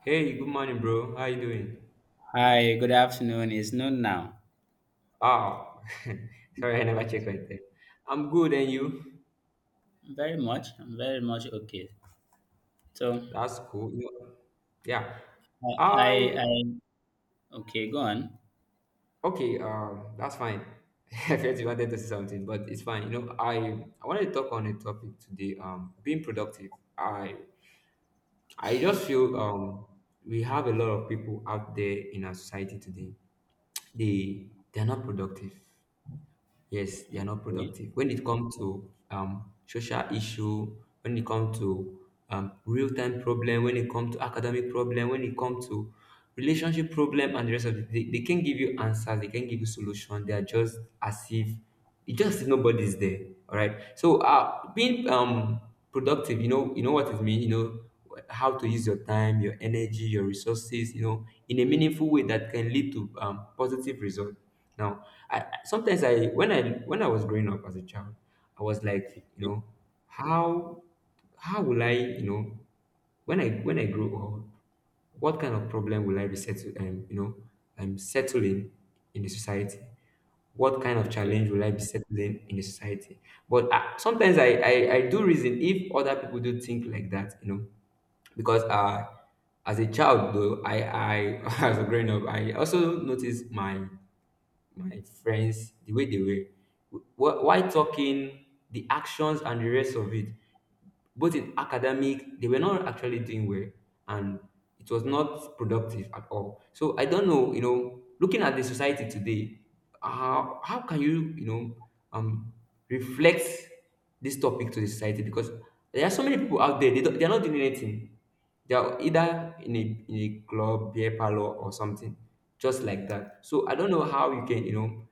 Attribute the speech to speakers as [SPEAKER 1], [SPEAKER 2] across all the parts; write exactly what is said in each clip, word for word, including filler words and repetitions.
[SPEAKER 1] Hey, good morning, bro. How you doing?
[SPEAKER 2] Hi, good afternoon. It's noon now.
[SPEAKER 1] Oh, sorry, I never checked right there. I'm good, and you?
[SPEAKER 2] Very much. I'm very much okay. So
[SPEAKER 1] That's cool. You know- Yeah,
[SPEAKER 2] I, I,
[SPEAKER 1] I
[SPEAKER 2] I okay, go on.
[SPEAKER 1] okay. Um, that's fine. I felt you wanted to say something, but it's fine. You know, I I wanted to talk on a topic today. Um, being productive. I I just feel um we have a lot of people out there in our society today. They they're not productive. Yes, they are not
[SPEAKER 2] Okay,
[SPEAKER 1] productive. When it comes to um, social issue, when it comes to um, real time problem, when it comes to academic problem, when it comes to relationship problem, and the rest of it, they, they can give you answers. They can give you solution. They are just as if it's just if nobody's there. All right. So uh, being um productive, you know, you know what it means. You know how to use your time, your energy, your resources. You know, in a meaningful way that can lead to um, positive result. Now, I sometimes I when I when I was growing up as a child, I was like, you know, how how will I, you know, when I when I grow up what kind of problem will I be settle, um, you know, I'm settling in the society. What kind of
[SPEAKER 2] okay,
[SPEAKER 1] challenge will I be settling in the society? But I, sometimes I, I I do reason if other people do think like that, you know, because uh as a child though, I I as a growing up, I also noticed my my friends, the way they were, wh- why talking, the actions and the rest of it, both in academic, they were not actually doing well, and it was not productive at all. So I don't know, you know, looking at the society today, how how can you, you know, um reflect this topic to the society? Because there are so many people out there, they don't, they're not doing anything. They are either in a in a club, beer parlor, or something just like that. So I don't know how you can, you know,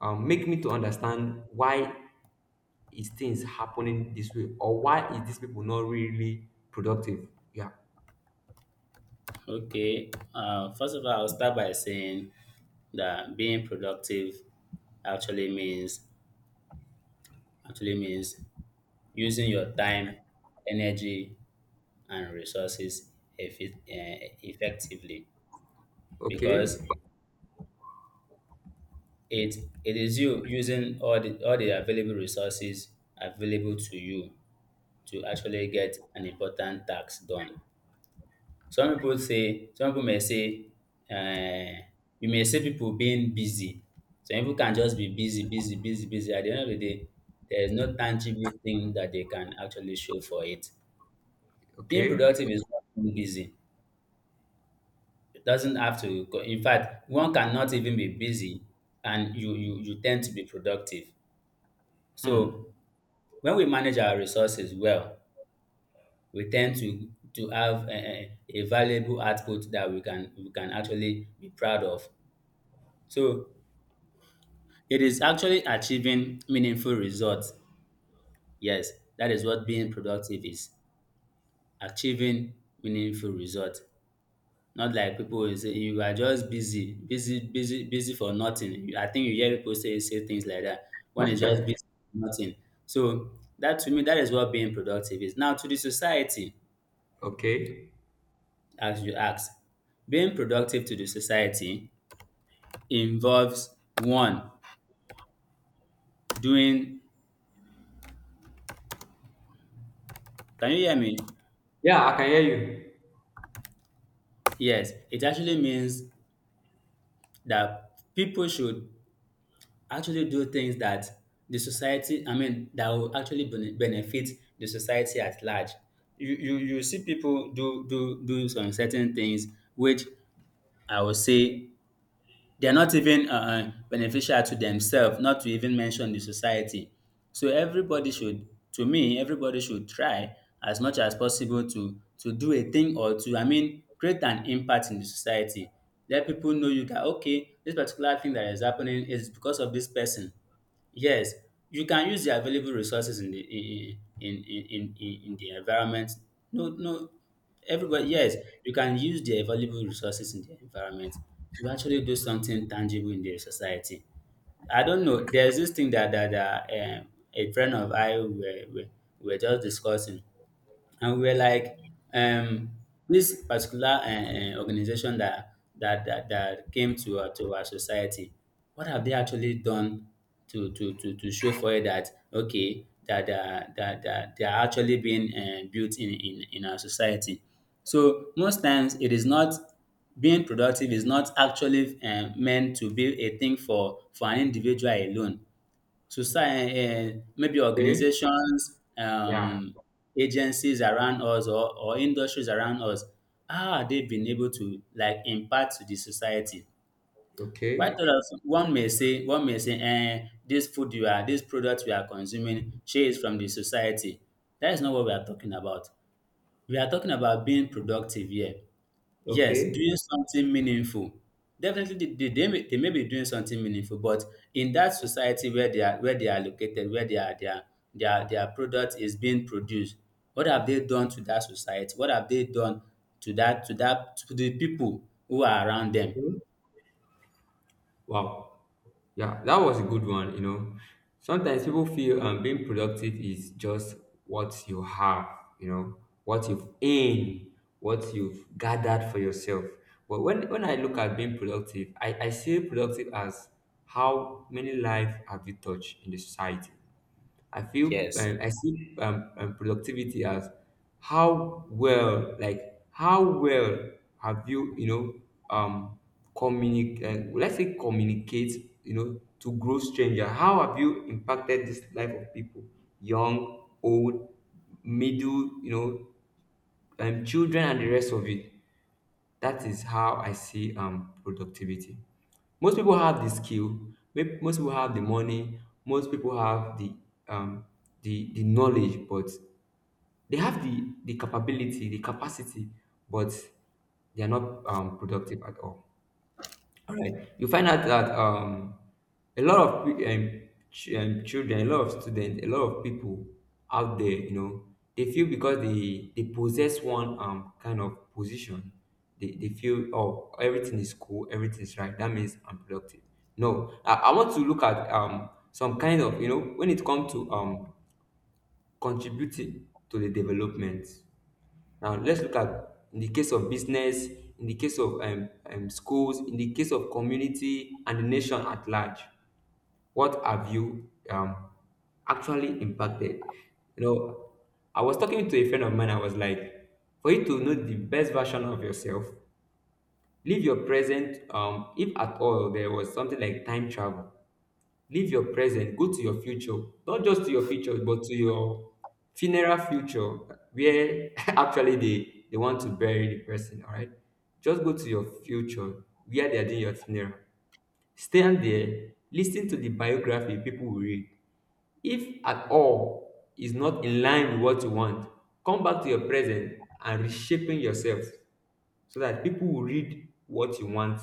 [SPEAKER 1] um, make me to understand why is things happening this way, or why is these people not really productive? Yeah.
[SPEAKER 2] okay. Uh, first of all, I'll start by saying that being productive actually means actually means using your time, energy, and resources effi- eh, effectively because
[SPEAKER 1] Okay.
[SPEAKER 2] it it is you using all the all the available resources available to you to actually get an important task done. Some people say, some people may say, uh, you may see people being busy. Some people can just be busy, busy, busy, busy. At the end of the day, there is no tangible thing that they can actually show for it. Being
[SPEAKER 1] Okay.
[SPEAKER 2] productive is not being busy. It doesn't have to. Go- In fact, one cannot even be busy, and you you you tend to be productive.
[SPEAKER 1] Hmm.
[SPEAKER 2] So when we manage our resources well, we tend to to have a, a valuable output that we can we can actually be proud of. So it is actually achieving meaningful results. Yes, that is what being productive is. Achieving meaningful results. Not like people will say you are just busy, busy, busy, busy for nothing. I think you hear people say say things like that. One is just
[SPEAKER 1] Okay.
[SPEAKER 2] busy for nothing. So that to me, that is what being productive is. Now to the society,
[SPEAKER 1] Okay.
[SPEAKER 2] as you asked, being productive to the society involves one doing, can you hear me?
[SPEAKER 1] Yeah, I can hear you.
[SPEAKER 2] Yes, it actually means that people should actually do things that the society I mean that will actually bene- benefit the society at large. You you you see people do do do some certain things which I will say they're not even uh, uh, beneficial to themselves, not to even mention the society. So everybody should, to me, everybody should try as much as possible to to do a thing, or to, I mean, create an impact in the society. Let people know you that okay, this particular thing that is happening is because of this person. Yes, you can use the available resources in the in in in in, in in the environment. No, no, everybody. Yes, you can use the available resources in the environment to actually do something tangible in the society. I don't know. There's this thing that that, that um, a friend of I were, were were just discussing, and we were like, um, this particular uh, uh, organization that that that, that came to our, to our society, what have they actually done to to to, to show for it that okay, that that that, that they are actually being uh, built in, in in our society. So most times it is not, being productive is not actually um, meant to be a thing for for an individual alone. Society, uh, maybe
[SPEAKER 1] Okay.
[SPEAKER 2] organizations,
[SPEAKER 1] Yeah.
[SPEAKER 2] um, agencies around us, or or industries around us, how are they been able to like impact to the society? Quite
[SPEAKER 1] Okay.
[SPEAKER 2] often, one may say, one may say, eh, this food you are, this product we are consuming, she is from the society. That is not what we are talking about. We are talking about being productive here. Yes,
[SPEAKER 1] Okay.
[SPEAKER 2] doing something meaningful. Definitely, they, they, they, may, they may be doing something meaningful, but in that society where they are, where they are located, where they are, their their their product is being produced, what have they done to that society? What have they done to that to that to the people who are around them?
[SPEAKER 1] Hmm. Wow. Yeah, that was a good one. You know, sometimes people feel um, being productive is just what you have, you know, what you've earned, what you've gathered for yourself. But, when, when I look at being productive, I, I see productive as how many lives have you touched in the society? I feel
[SPEAKER 2] Yes,
[SPEAKER 1] um, I see um, um, productivity as how well, like how well have you, you know, um, communicate. Uh, let's say communicate, you know, to grow stranger. How have you impacted this life of people, young, old, middle, you know, um, children, and the rest of it? That is how I see um productivity. Most people have the skill, may- most people have the money, most people have the um the the knowledge, but they have the the capability, the capacity, but they are not um productive at all. All right. You find out that um, a lot of pe- um, ch- um, children, a lot of students, a lot of people out there, you know, they feel because they they possess one um kind of position, they, they feel oh everything is cool, everything is right. That means I'm productive. No, I, I want to look at um some kind of, you know, when it comes to um contributing to the development. Now let's look at, in the case of business, in the case of um, um, schools, in the case of community and the nation at large. What have you um, actually impacted? You know, I was talking to a friend of mine. I was like, for you to know the best version of yourself, live your present. Um, if at all there was something like time travel, live your present, go to your future, not just to your future, but to your funeral future, where actually they, they want to bury the person, all right? Just go to your future, where they are doing your funeral. Stand there, listen to the biography people will read. If at all is not in line with what you want, come back to your present and reshaping yourself so that people will read what you want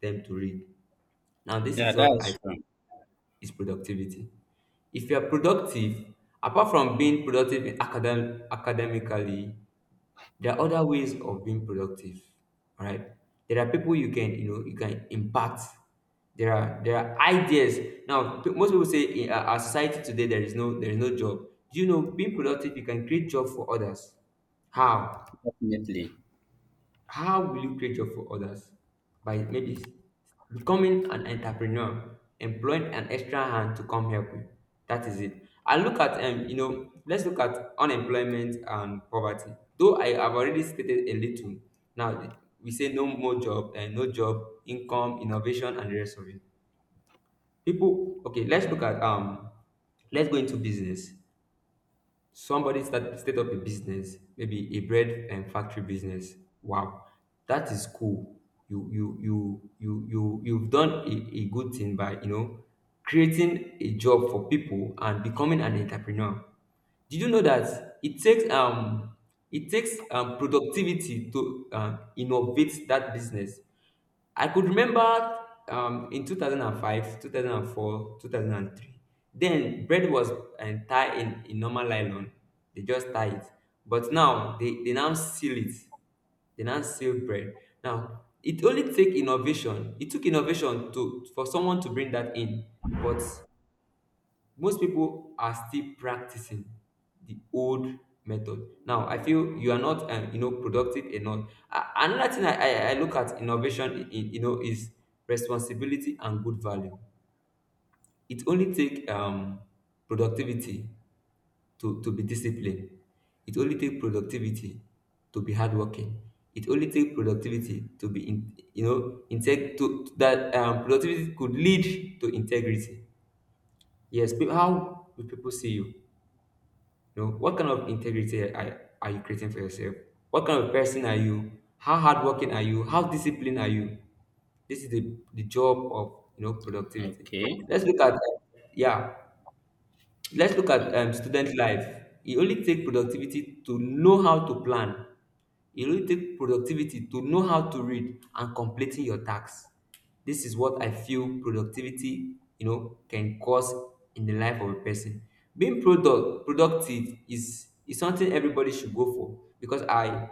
[SPEAKER 1] them to read. Now, this
[SPEAKER 2] yeah,
[SPEAKER 1] is
[SPEAKER 2] that
[SPEAKER 1] what I
[SPEAKER 2] is true.
[SPEAKER 1] feel is productivity. If you are productive, apart from being productive in academ- academically, there are other ways of being productive. All right. There are people you can, you know, you can impact. There are there are ideas. Now, pe- most people say in our our society today there is no there is no job. You know, being productive, you can create job for others. How?
[SPEAKER 2] Definitely.
[SPEAKER 1] How will you create job for others? By maybe s- becoming an entrepreneur, employing an extra hand to come help you. That is it. And look at, um you know, let's look at unemployment and poverty, though I have already stated a little. Now th- we say no more job and no job, income, innovation, and the rest of it. People, okay, let's look at um let's go into business. Somebody start set up a business, maybe a bread and factory business. Wow, that is cool. You you you you you you've done a, a good thing by, you know, creating a job for people and becoming an entrepreneur. Did you know that it takes um it takes um productivity to um, innovate that business? I could remember um, in two thousand five, two thousand four, two thousand three. Then bread was uh, tied in, in normal nylon. They just tie it. But now they, they now seal it. They now seal bread. Now it only take innovation. It took innovation to for someone to bring that in. But most people are still practicing the old method. Now I feel you are not um, you know, productive enough. A- another thing I, I i look at innovation in, in- you know, is responsibility and good value. It only take um productivity to to be disciplined. It only take productivity to be hardworking. It only take productivity to be in, you know, integ- to to- that um, productivity could lead to integrity. Yes, pe- how do people see you? You know, what kind of integrity are, are you creating for yourself? What kind of person are you? How hardworking are you? How disciplined are you? This is the, the job of, you know, productivity.
[SPEAKER 2] Okay,
[SPEAKER 1] Let's look at uh, yeah. Let's look at um, student life. It only takes productivity to know how to plan. It only takes productivity to know how to read and completing your tasks. This is what I feel productivity, you know, can cause in the life of a person. Being product productive is is something everybody should go for. Because I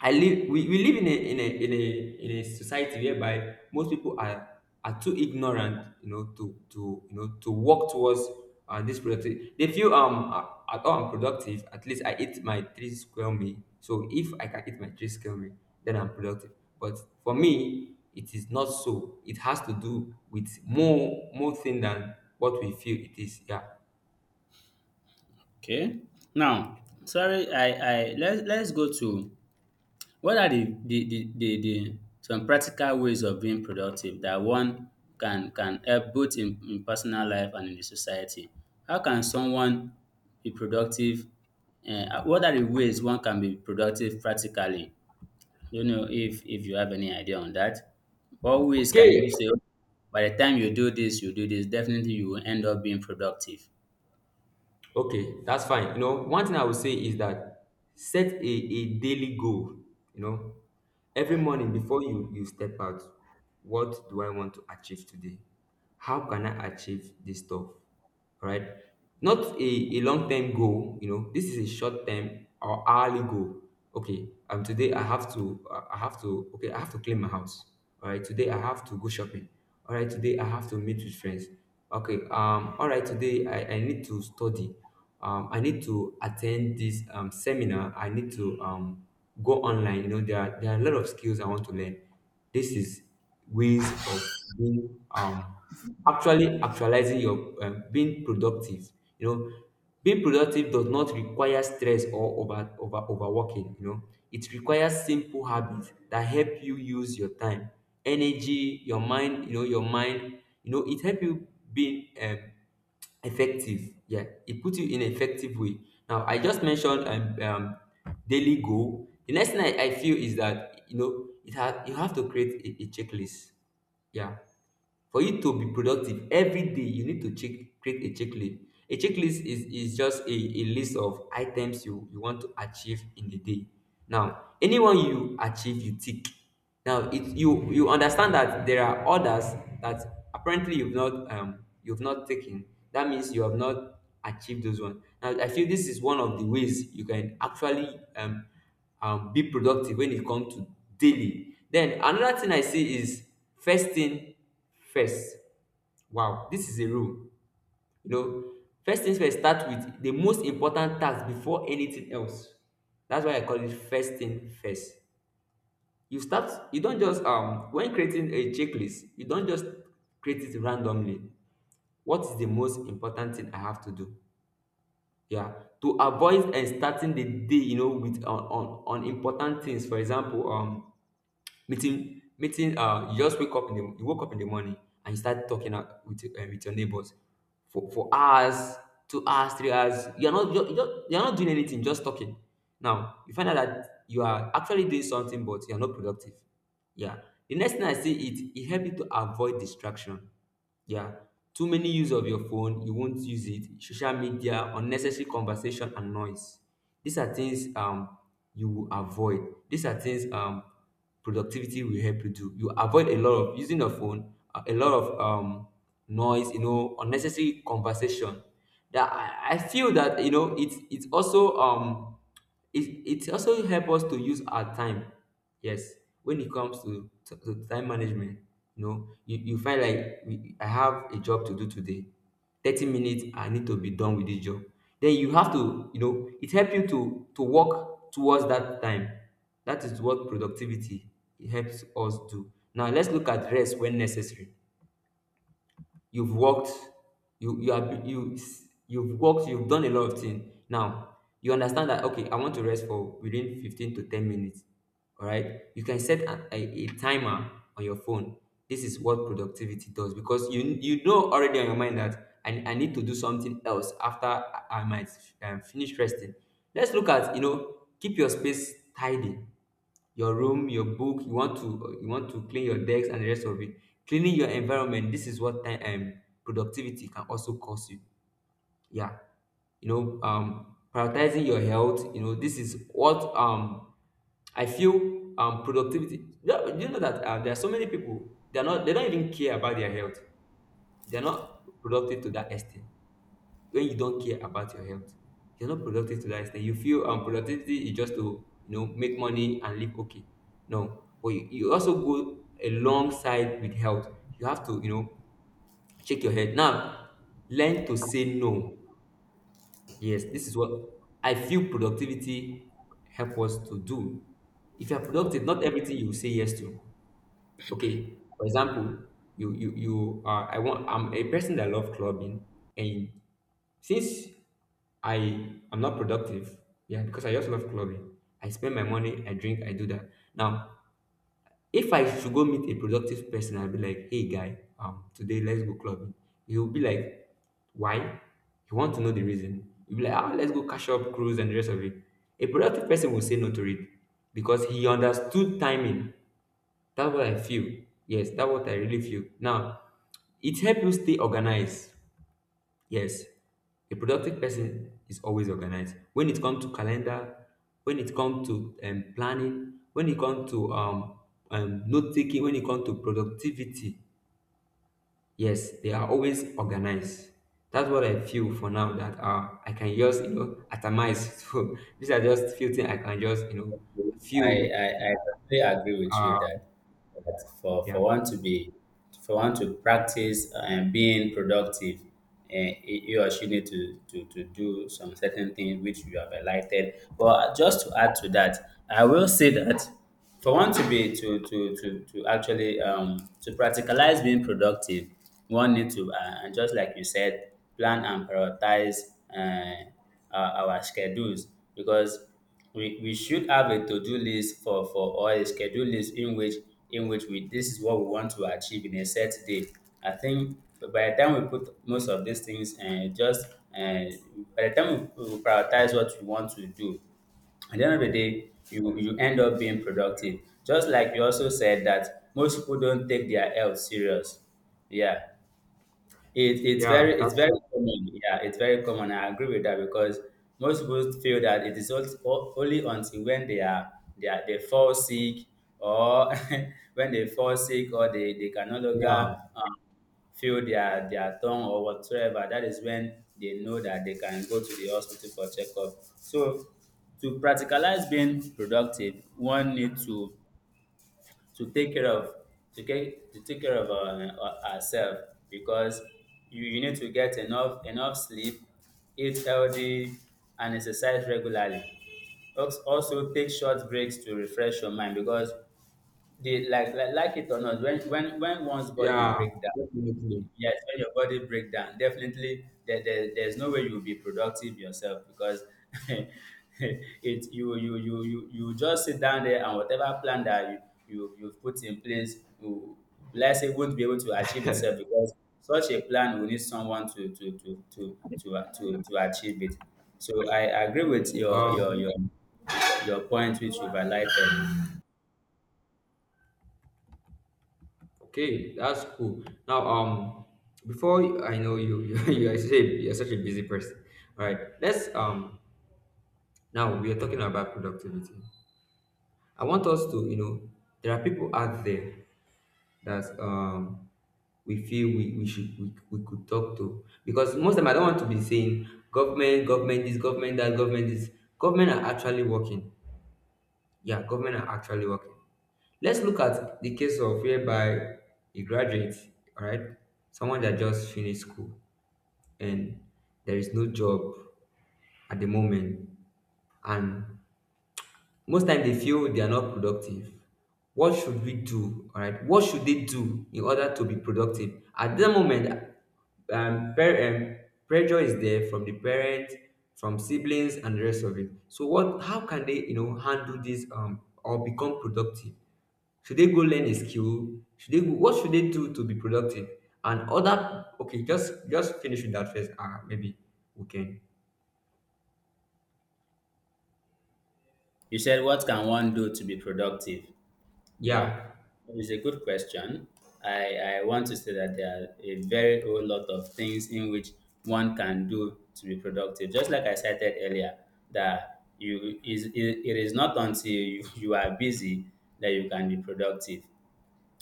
[SPEAKER 1] I live we, we live in a in a in a in a society whereby most people are are too ignorant, you know, to to you know, to work towards uh, this productivity. They feel um uh, at all I'm productive. At least I eat my three square meal. So if I can eat my three square meal, then I'm productive. But for me, it is not so. It has to do with more more thing than what we feel it is. Yeah.
[SPEAKER 2] okay. Now, sorry, I I let's let's go to what are the the the the the some practical ways of being productive that one can can help both in, in personal life and in the society? How can someone be productive? Eh, Uh, what are the ways one can be productive practically? You know, if if you have any idea on that, what ways can you
[SPEAKER 1] Okay.
[SPEAKER 2] say, "Okay, by the time you do this, you do this, definitely you will end up being productive."
[SPEAKER 1] Okay, that's fine. You know, one thing I would say is that set a, a daily goal. You know, every morning before you, you step out, what do I want to achieve today? How can I achieve this stuff? All right. Not a, a long term goal, you know, this is a short term or hourly goal. Okay, um, today I have to, uh, I have to, okay, I have to clean my house. All right, today I have to go shopping. All right, today I have to meet with friends. Okay. Um. All right. Today, I, I need to study. Um. I need to attend this um seminar. I need to um go online. You know, there are, there are a lot of skills I want to learn. This is ways of being um actually actualizing your um, being productive. You know, being productive does not require stress or over, over overworking, you know. It requires simple habits that help you use your time, energy, your mind, you know, your mind, you know, it help you being um, effective. Yeah, it puts you in an effective way. Now, I just mentioned um, um, daily goal. The next thing I, I feel is that, you know, it ha- you have to create a, a checklist. Yeah, for you to be productive every day, you need to check create a checklist. A checklist is, is just a, a list of items you, you want to achieve in the day. Now, anyone you achieve, you tick. Now, it you you understand that there are others that apparently you've not um you've not taken. That means you have not achieved those ones. Now, I feel this is one of the ways you can actually um um, be productive when it comes to daily. Then another thing I see is first thing First, Wow, this is a rule. You know, first things first, start with the most important task before anything else. That's why I call it first thing first. You start, you don't just, um, when creating a checklist, you don't just create it randomly. What is the most important thing I have to do? Yeah, to avoid and starting the day, you know, with on, on, on important things. For example, um, meeting meeting um you just wake up in the you woke up in the morning, and you start talking out with um, with your neighbors for for hours, two hours, three hours. You're not you're, you're, you're not doing anything, just talking. Now you find out that you are actually doing something, but you're not productive. Yeah. The next thing I see, it it help you to avoid distraction. Yeah. Too many use of your phone, you won't use it. Social media, unnecessary conversation and noise. These are things um you will avoid. These are things um productivity will help you do. You avoid a lot of using your phone, a a lot of um noise, you know, unnecessary conversation. That I, I feel that you know it's it's also um it, it also help us to use our time. Yes, when it comes to to, to time management, you know, you, you find like we- I have a job to do today. thirty minutes, I need to be done with this job. Then you have to, you know it help you to to work towards that time. That is what productivity, it helps us do. Now let's look at rest when necessary. you've worked you you are you you've worked, you've done a lot of things. Now you understand that, okay, I want to rest for within fifteen to ten minutes. All right, you can set a, a, a timer on your phone. This is what productivity does, because you you know already on your mind that i, I need to do something else after i, I might, um, finish resting. Let's look at, you know keep your space tidy, your room, your book. You want to you want to clean your decks and the rest of it. Cleaning your environment. This is what time um, productivity can also cost you. Yeah, you know, um, prioritizing your health. You know, this is what um I feel um productivity. You know you know that uh, there are so many people. They're not. They don't even care about their health. They're not productive to that extent. When you don't care about your health, you're not productive to that extent. You feel um productivity is just to, you know make money and live. Okay. No, but you, you also go alongside with health. You have to, you know shake your head now. Learn to say no. Yes, this is what I feel productivity help us to do. If you're productive, not everything you say yes to. Okay, for example, you you you are I want I'm a person that love clubbing. And since I am not productive, yeah, because I just love clubbing. I spend my money, I drink, I do that. Now, if I should go meet a productive person, I'll be like, hey guy, um, today let's go clubbing. He'll be like, why? You want to know the reason. You'll be like, ah, let's go cash up, cruise, and the rest of it. A productive person will say no to it because he understood timing. That's what I feel. Yes, that's what I really feel. Now, it helps you stay organized. Yes, a productive person is always organized. When it comes to calendar, when it comes to um, planning, when it comes to um, um, note taking, when it comes to productivity, yes, they are always organized. That's what I feel for now. That, uh, I can just, you know atomize. So these are just few things I can just you know
[SPEAKER 2] I,
[SPEAKER 1] feel.
[SPEAKER 2] I, I totally agree with you
[SPEAKER 1] Uh,
[SPEAKER 2] that, that for, for
[SPEAKER 1] yeah,
[SPEAKER 2] one to be, for one to practice and being productive, and you or she need to, to, to do some certain things which you have highlighted. But just to add to that, I will say that for one to be, to to to, to actually um, to practicalize being productive, one need to, uh, and just like you said, plan and prioritize uh, our, our schedules, because we we should have a to-do list for for or a schedule list in which in which we, this is what we want to achieve in a set day. I think by the time we put most of these things, and just and by the time we, we prioritize what we want to do, at the end of the day, you you end up being productive. Just like you also said that most people don't take their health serious. Yeah. It, it's very
[SPEAKER 1] yeah,
[SPEAKER 2] it's
[SPEAKER 1] that's
[SPEAKER 2] very
[SPEAKER 1] it.
[SPEAKER 2] common. Yeah, it's very common. I agree with that because most people feel that it is also, only until when they are they are they fall sick or when they fall sick or they, they can no longer
[SPEAKER 1] Yeah,
[SPEAKER 2] um, feel their their tongue or whatsoever. That is when they know that they can go to the hospital for checkup. So to practicalize being productive, one need to to take care of to get to take care of our ourselves, because you, you need to get enough enough sleep, eat healthy, and exercise regularly. Als- Also take short breaks to refresh your mind, because the like, like like it or not, when when when one's body
[SPEAKER 1] yeah,
[SPEAKER 2] break down,
[SPEAKER 1] definitely.
[SPEAKER 2] yes, when your body break down, definitely there, there, there's no way you'll be productive yourself, because it you you you you you just sit down there and whatever plan that you, you you've put in place, you, let's say, won't be able to achieve itself, because such a plan will need someone to to to to to uh, to, to achieve it. So I agree with your your
[SPEAKER 1] Um,
[SPEAKER 2] your your point which you've highlighted.
[SPEAKER 1] Okay, that's cool. Now, um, before I know you, you you are such a, you're such a busy person. All right, let's um. Now we are talking about productivity. I want us to, you know, there are people out there that um we feel we, we should we, we could talk to, because most of them I don't want to be saying government, government this, government that, government this. Government are actually working. Yeah, government are actually working. Let's look at the case of whereby a graduate, all right, someone that just finished school, and there is no job at the moment, and most time they feel they are not productive. What should we do? All right, what should they do in order to be productive? At that moment, um, per- um, pressure is there from the parents, from siblings, and the rest of it. So, what? How can they, you know, handle this, um, or become productive? Should they go learn a skill? Should they go, what should they do to be productive? And other, okay, just just finish with that first. Ah, maybe we can.
[SPEAKER 2] You said, what can one do to be productive? Yeah,
[SPEAKER 1] Yeah.
[SPEAKER 2] it's a good question. I, I want to say that there are a very whole lot of things in which one can do to be productive. Just like I cited earlier, that you is it, it is not until you, you are busy that you can be productive.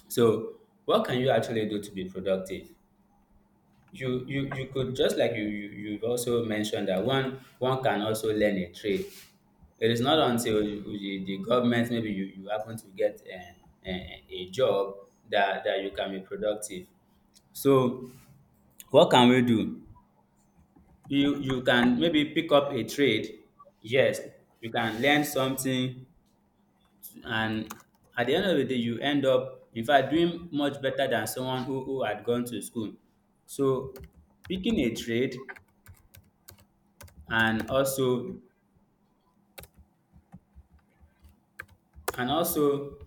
[SPEAKER 2] So, what can you actually do to be productive? you you you could, just like you, you you've also mentioned that one one can also learn a trade. It is not until you, you- the government, maybe you, you happen to get a, a, a job that, that you can be productive. So what can we do? You you can maybe pick up a trade. Yes, you can learn something, and at the end of the day, you end up in fact doing much better than someone who, who had gone to school. So picking a trade, and also and also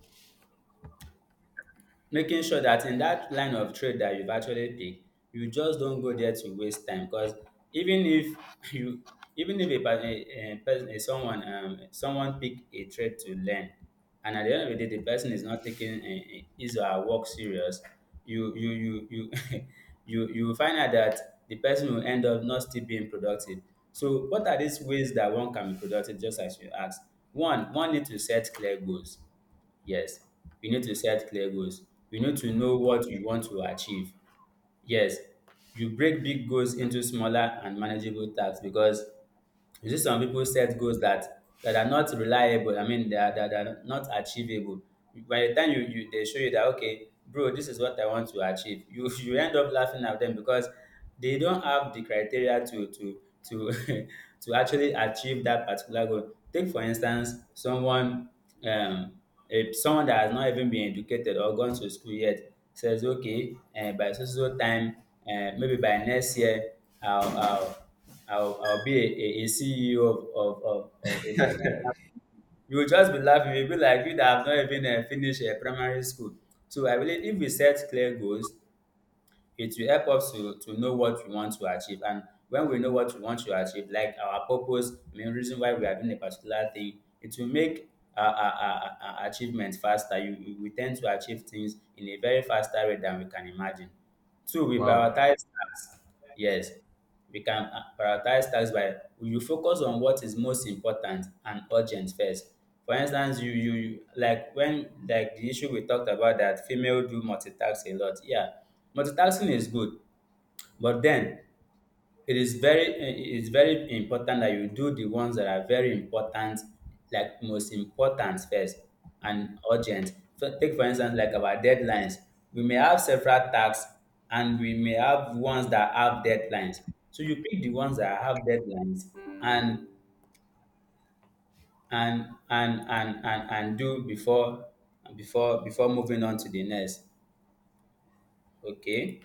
[SPEAKER 2] making sure that in that line of trade that you've actually picked, you just don't go there to waste time, because even if you, even if a, per- a, a person, a someone, um, someone pick a trade to learn, and at the end of the day the person is not taking uh, his or her work serious, you you you you you you will find out that the person will end up not still being productive. So what are these ways that one can be productive, just as you asked? One one need to set clear goals. Yes, you need to set clear goals. You need to know what you want to achieve. Yes, you break big goals into smaller and manageable tasks, because you see some people set goals that that are not reliable. I mean, they are, that are not achievable. By the time you, you they show you that okay, bro, this is what I want to achieve, you you end up laughing at them, because they don't have the criteria to to to to actually achieve that particular goal. Take for instance, someone um a, someone that has not even been educated or gone to school yet, says okay, uh, by so so so time, uh, maybe by next year, I'll, I'll I'll, I'll be a, a, C E O of, of, of, of a multinational. You will just be laughing. You'll be like, you that have not even uh, finished uh, primary school. So I believe if we set clear goals, it will help us to, to know what we want to achieve. And when we know what we want to achieve, like our purpose, I mean, reason why we are doing a particular thing, it will make our, our, our, our achievement faster. You, you- we tend to achieve things in a very faster way than we can imagine. Two, we
[SPEAKER 1] Wow.
[SPEAKER 2] prioritize tasks. Yes, we can uh, prioritize tasks by you focus on what is most important and urgent first. For instance, you you you- like when, like the issue we talked about that female do multitask a lot. Yeah, multitasking is good, but then it is very it is very important that you do the ones that are very important, like most important first and urgent. So take for instance like our deadlines. We may have several tasks, and we may have ones that have deadlines. So you pick the ones that have deadlines, and and and and and, and do before before before moving on to the next. Okay.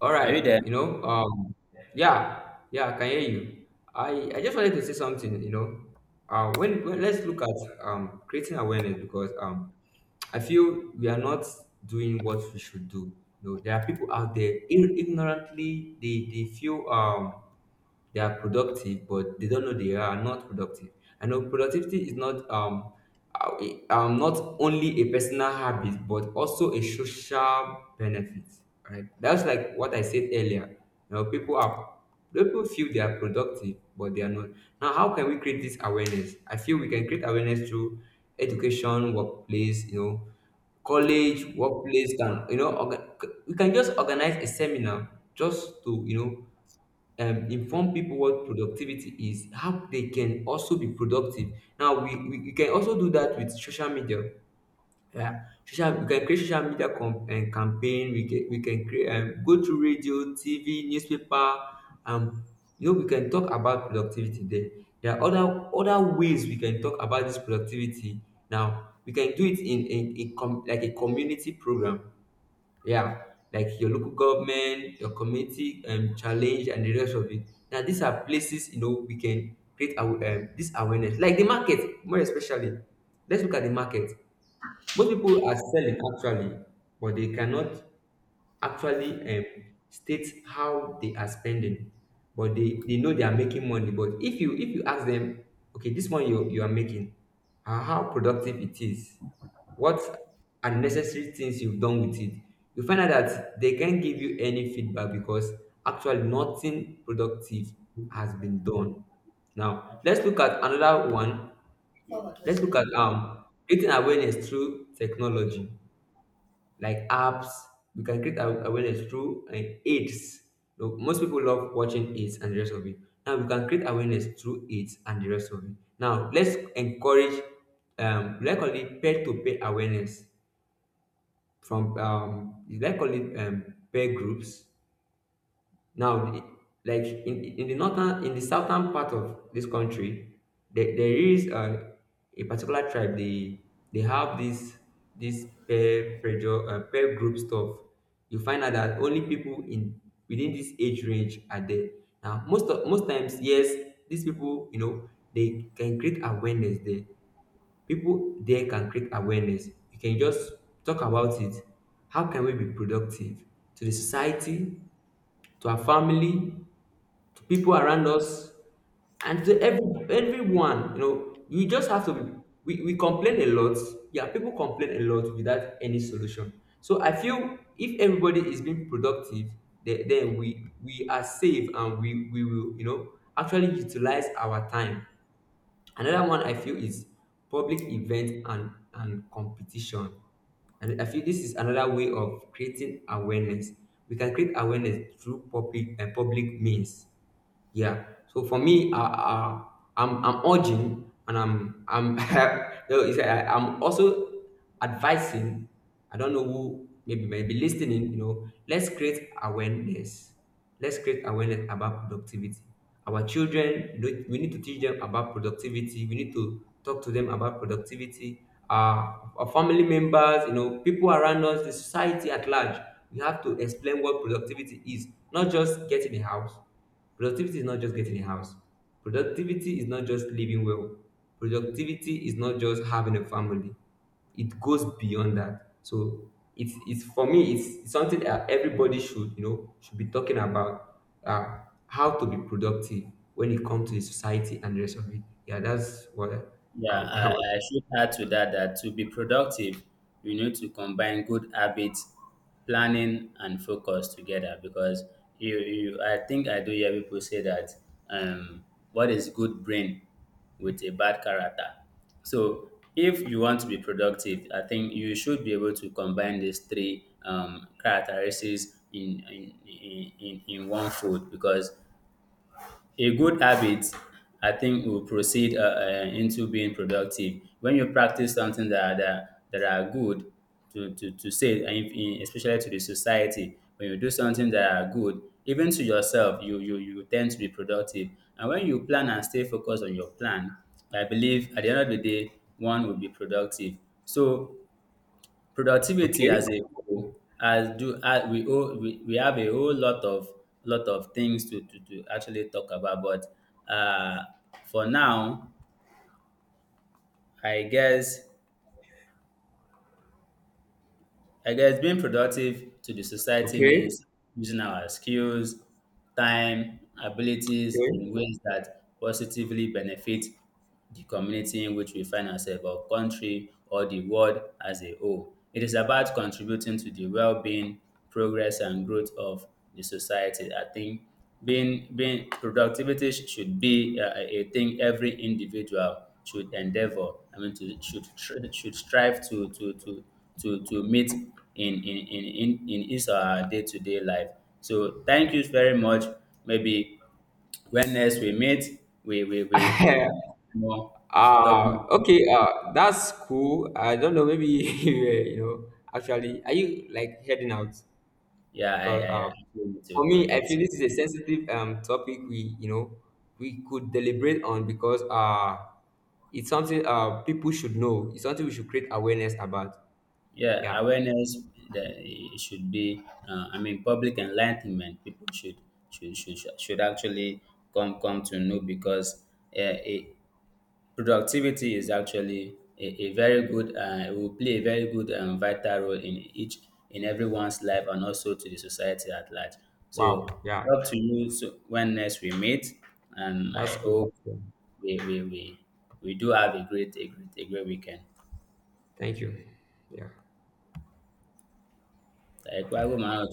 [SPEAKER 1] All
[SPEAKER 2] Are you
[SPEAKER 1] right.
[SPEAKER 2] there?
[SPEAKER 1] You know. Um. Yeah. Yeah. I can hear you. I I just wanted to say something. You know. Uh. When, when let's look at um creating awareness, because um I feel we are not doing what we should do. You know, there are people out there, ir- ignorantly they they feel um they are productive, but they don't know they are not productive. I know productivity is not um uh, um not only a personal habit but also a social benefit. Right? That's like what I said earlier. You know, people are people feel they are productive, but they are not. Now, how can we create this awareness? I feel we can create awareness through education, workplace, you know, college, workplace, can you know, orga- we can just organize a seminar just to, you know um, inform people what productivity is, how they can also be productive. Now, we, we, we can also do that with social media. Yeah, social, we can create social media com- and campaign. We can we can create, um, go through radio, T V, newspaper. Um, you know, we can talk about productivity there. There are other other ways we can talk about this productivity. Now, we can do it in in, in com- like a community program. Yeah, like your local government, your community, um, challenge, and the rest of it. Now, these are places you know we can create our, um, this awareness, like the market, more especially. Let's look at the market. Most people are selling actually, but they cannot actually, um, states how they are spending. But they, they know they are making money. But if you if you ask them, okay, this one, you, you are making, uh, how productive it is, what unnecessary things you've done with it, you find out that they can't give you any feedback, because actually nothing productive has been done. Now let's look at another one. Let's look at um creating awareness through technology, like apps. We can create aw- awareness through like aids. You know, most people love watching it and the rest of it. Now we can create awareness through it and the rest of it. Now let's encourage, um, let's call it peer to peer awareness, from um, let's call it, um, peer groups. Now, the- like in, in the northern, in the southern part of this country, there, there is, uh, a particular tribe. They they have this this peer pressure, uh, peer group stuff. You find out that only people in within this age range are there. Now, most of, most times, yes, these people, you know, they can create awareness there. People there can create awareness. You can just talk about it. How can we be productive to the society, to our family, to people around us, and to every, everyone? You know, you just have to be, we, we complain a lot. Yeah, people complain a lot without any solution. So I feel if everybody is being productive, then, then we we are safe, and we we will, you know, actually utilize our time. Another one I feel is public event and and competition, and I feel this is another way of creating awareness. We can create awareness through public and public means. Yeah. So for me, uh, uh, I'm I'm urging, and I'm I'm no, it's, uh, I'm also advising. I don't know who maybe maybe listening. You know, let's create awareness. Let's create awareness about productivity. Our children, you we need to teach them about productivity. We need to talk to them about productivity. Uh, our family members, you know, people around us, the society at large. We have to explain what productivity is, not just getting a house. Productivity is not just getting a house. Productivity is not just living well. Productivity is not just having a family. It goes beyond that. So it's it's for me it's, it's something that everybody should, you know, should be talking about, uh, how to be productive when it comes to the society and the rest of it. Yeah, that's what I, I
[SPEAKER 2] Yeah, I,
[SPEAKER 1] I want.
[SPEAKER 2] I should add to that, that to be productive, you need to combine good habits, planning, and focus together. Because you, you I think I do hear people say that um, what is good brain with a bad character. So if you want to be productive, I think you should be able to combine these three um, characteristics in in, in in in one food, because a good habit, I think, will proceed uh, uh, into being productive. When you practice something that that, that are good to, to, to say, and if- in- especially to the society, when you do something that are good, even to yourself, you, you, you tend to be productive. And when you plan and stay focused on your plan, I believe at the end of the day, one will be productive. So productivity as
[SPEAKER 1] Okay,
[SPEAKER 2] a whole, as do as we owe we, we have a whole lot of lot of things to, to, to actually talk about, but uh, for now, I guess I guess being productive to the society
[SPEAKER 1] okay,
[SPEAKER 2] means using our skills, time, abilities
[SPEAKER 1] okay.
[SPEAKER 2] in ways that positively benefit the community in which we find ourselves, or country, or the world as a whole. It is about contributing to the well-being, progress, and growth of the society. I think being being productivity sh- should be uh, a thing every individual should endeavor. I mean, to, should tr- should strive to to to to to meet in in in in in his uh, day-to-day life. So thank you very much. Maybe when next we meet, we we we we
[SPEAKER 1] I,
[SPEAKER 2] more talk.
[SPEAKER 1] Ah, okay. Uh, that's cool. I don't know. Maybe you, uh, you know. Actually, are you like heading out?
[SPEAKER 2] Yeah, I
[SPEAKER 1] Because,
[SPEAKER 2] I
[SPEAKER 1] um,
[SPEAKER 2] actually need to
[SPEAKER 1] for
[SPEAKER 2] go
[SPEAKER 1] me, I
[SPEAKER 2] get
[SPEAKER 1] feel
[SPEAKER 2] some.
[SPEAKER 1] this is a sensitive um topic. We You know, we could deliberate on, because uh it's something uh people should know. It's something we should create awareness about.
[SPEAKER 2] Yeah,
[SPEAKER 1] Yeah.
[SPEAKER 2] awareness that it should be. Uh, I mean, public enlightenment. People should should should should actually come come to know, because uh, it, productivity is actually a, a very good, uh, will play a very good and vital role in each, in everyone's life and also to the society at large. So
[SPEAKER 1] Wow. Yeah.
[SPEAKER 2] up to you. So when next we meet, and I
[SPEAKER 1] That's cool.
[SPEAKER 2] hope
[SPEAKER 1] Yeah.
[SPEAKER 2] we we, we, we do have a great a great a great weekend.
[SPEAKER 1] Thank you. Yeah.
[SPEAKER 2] Like, why would my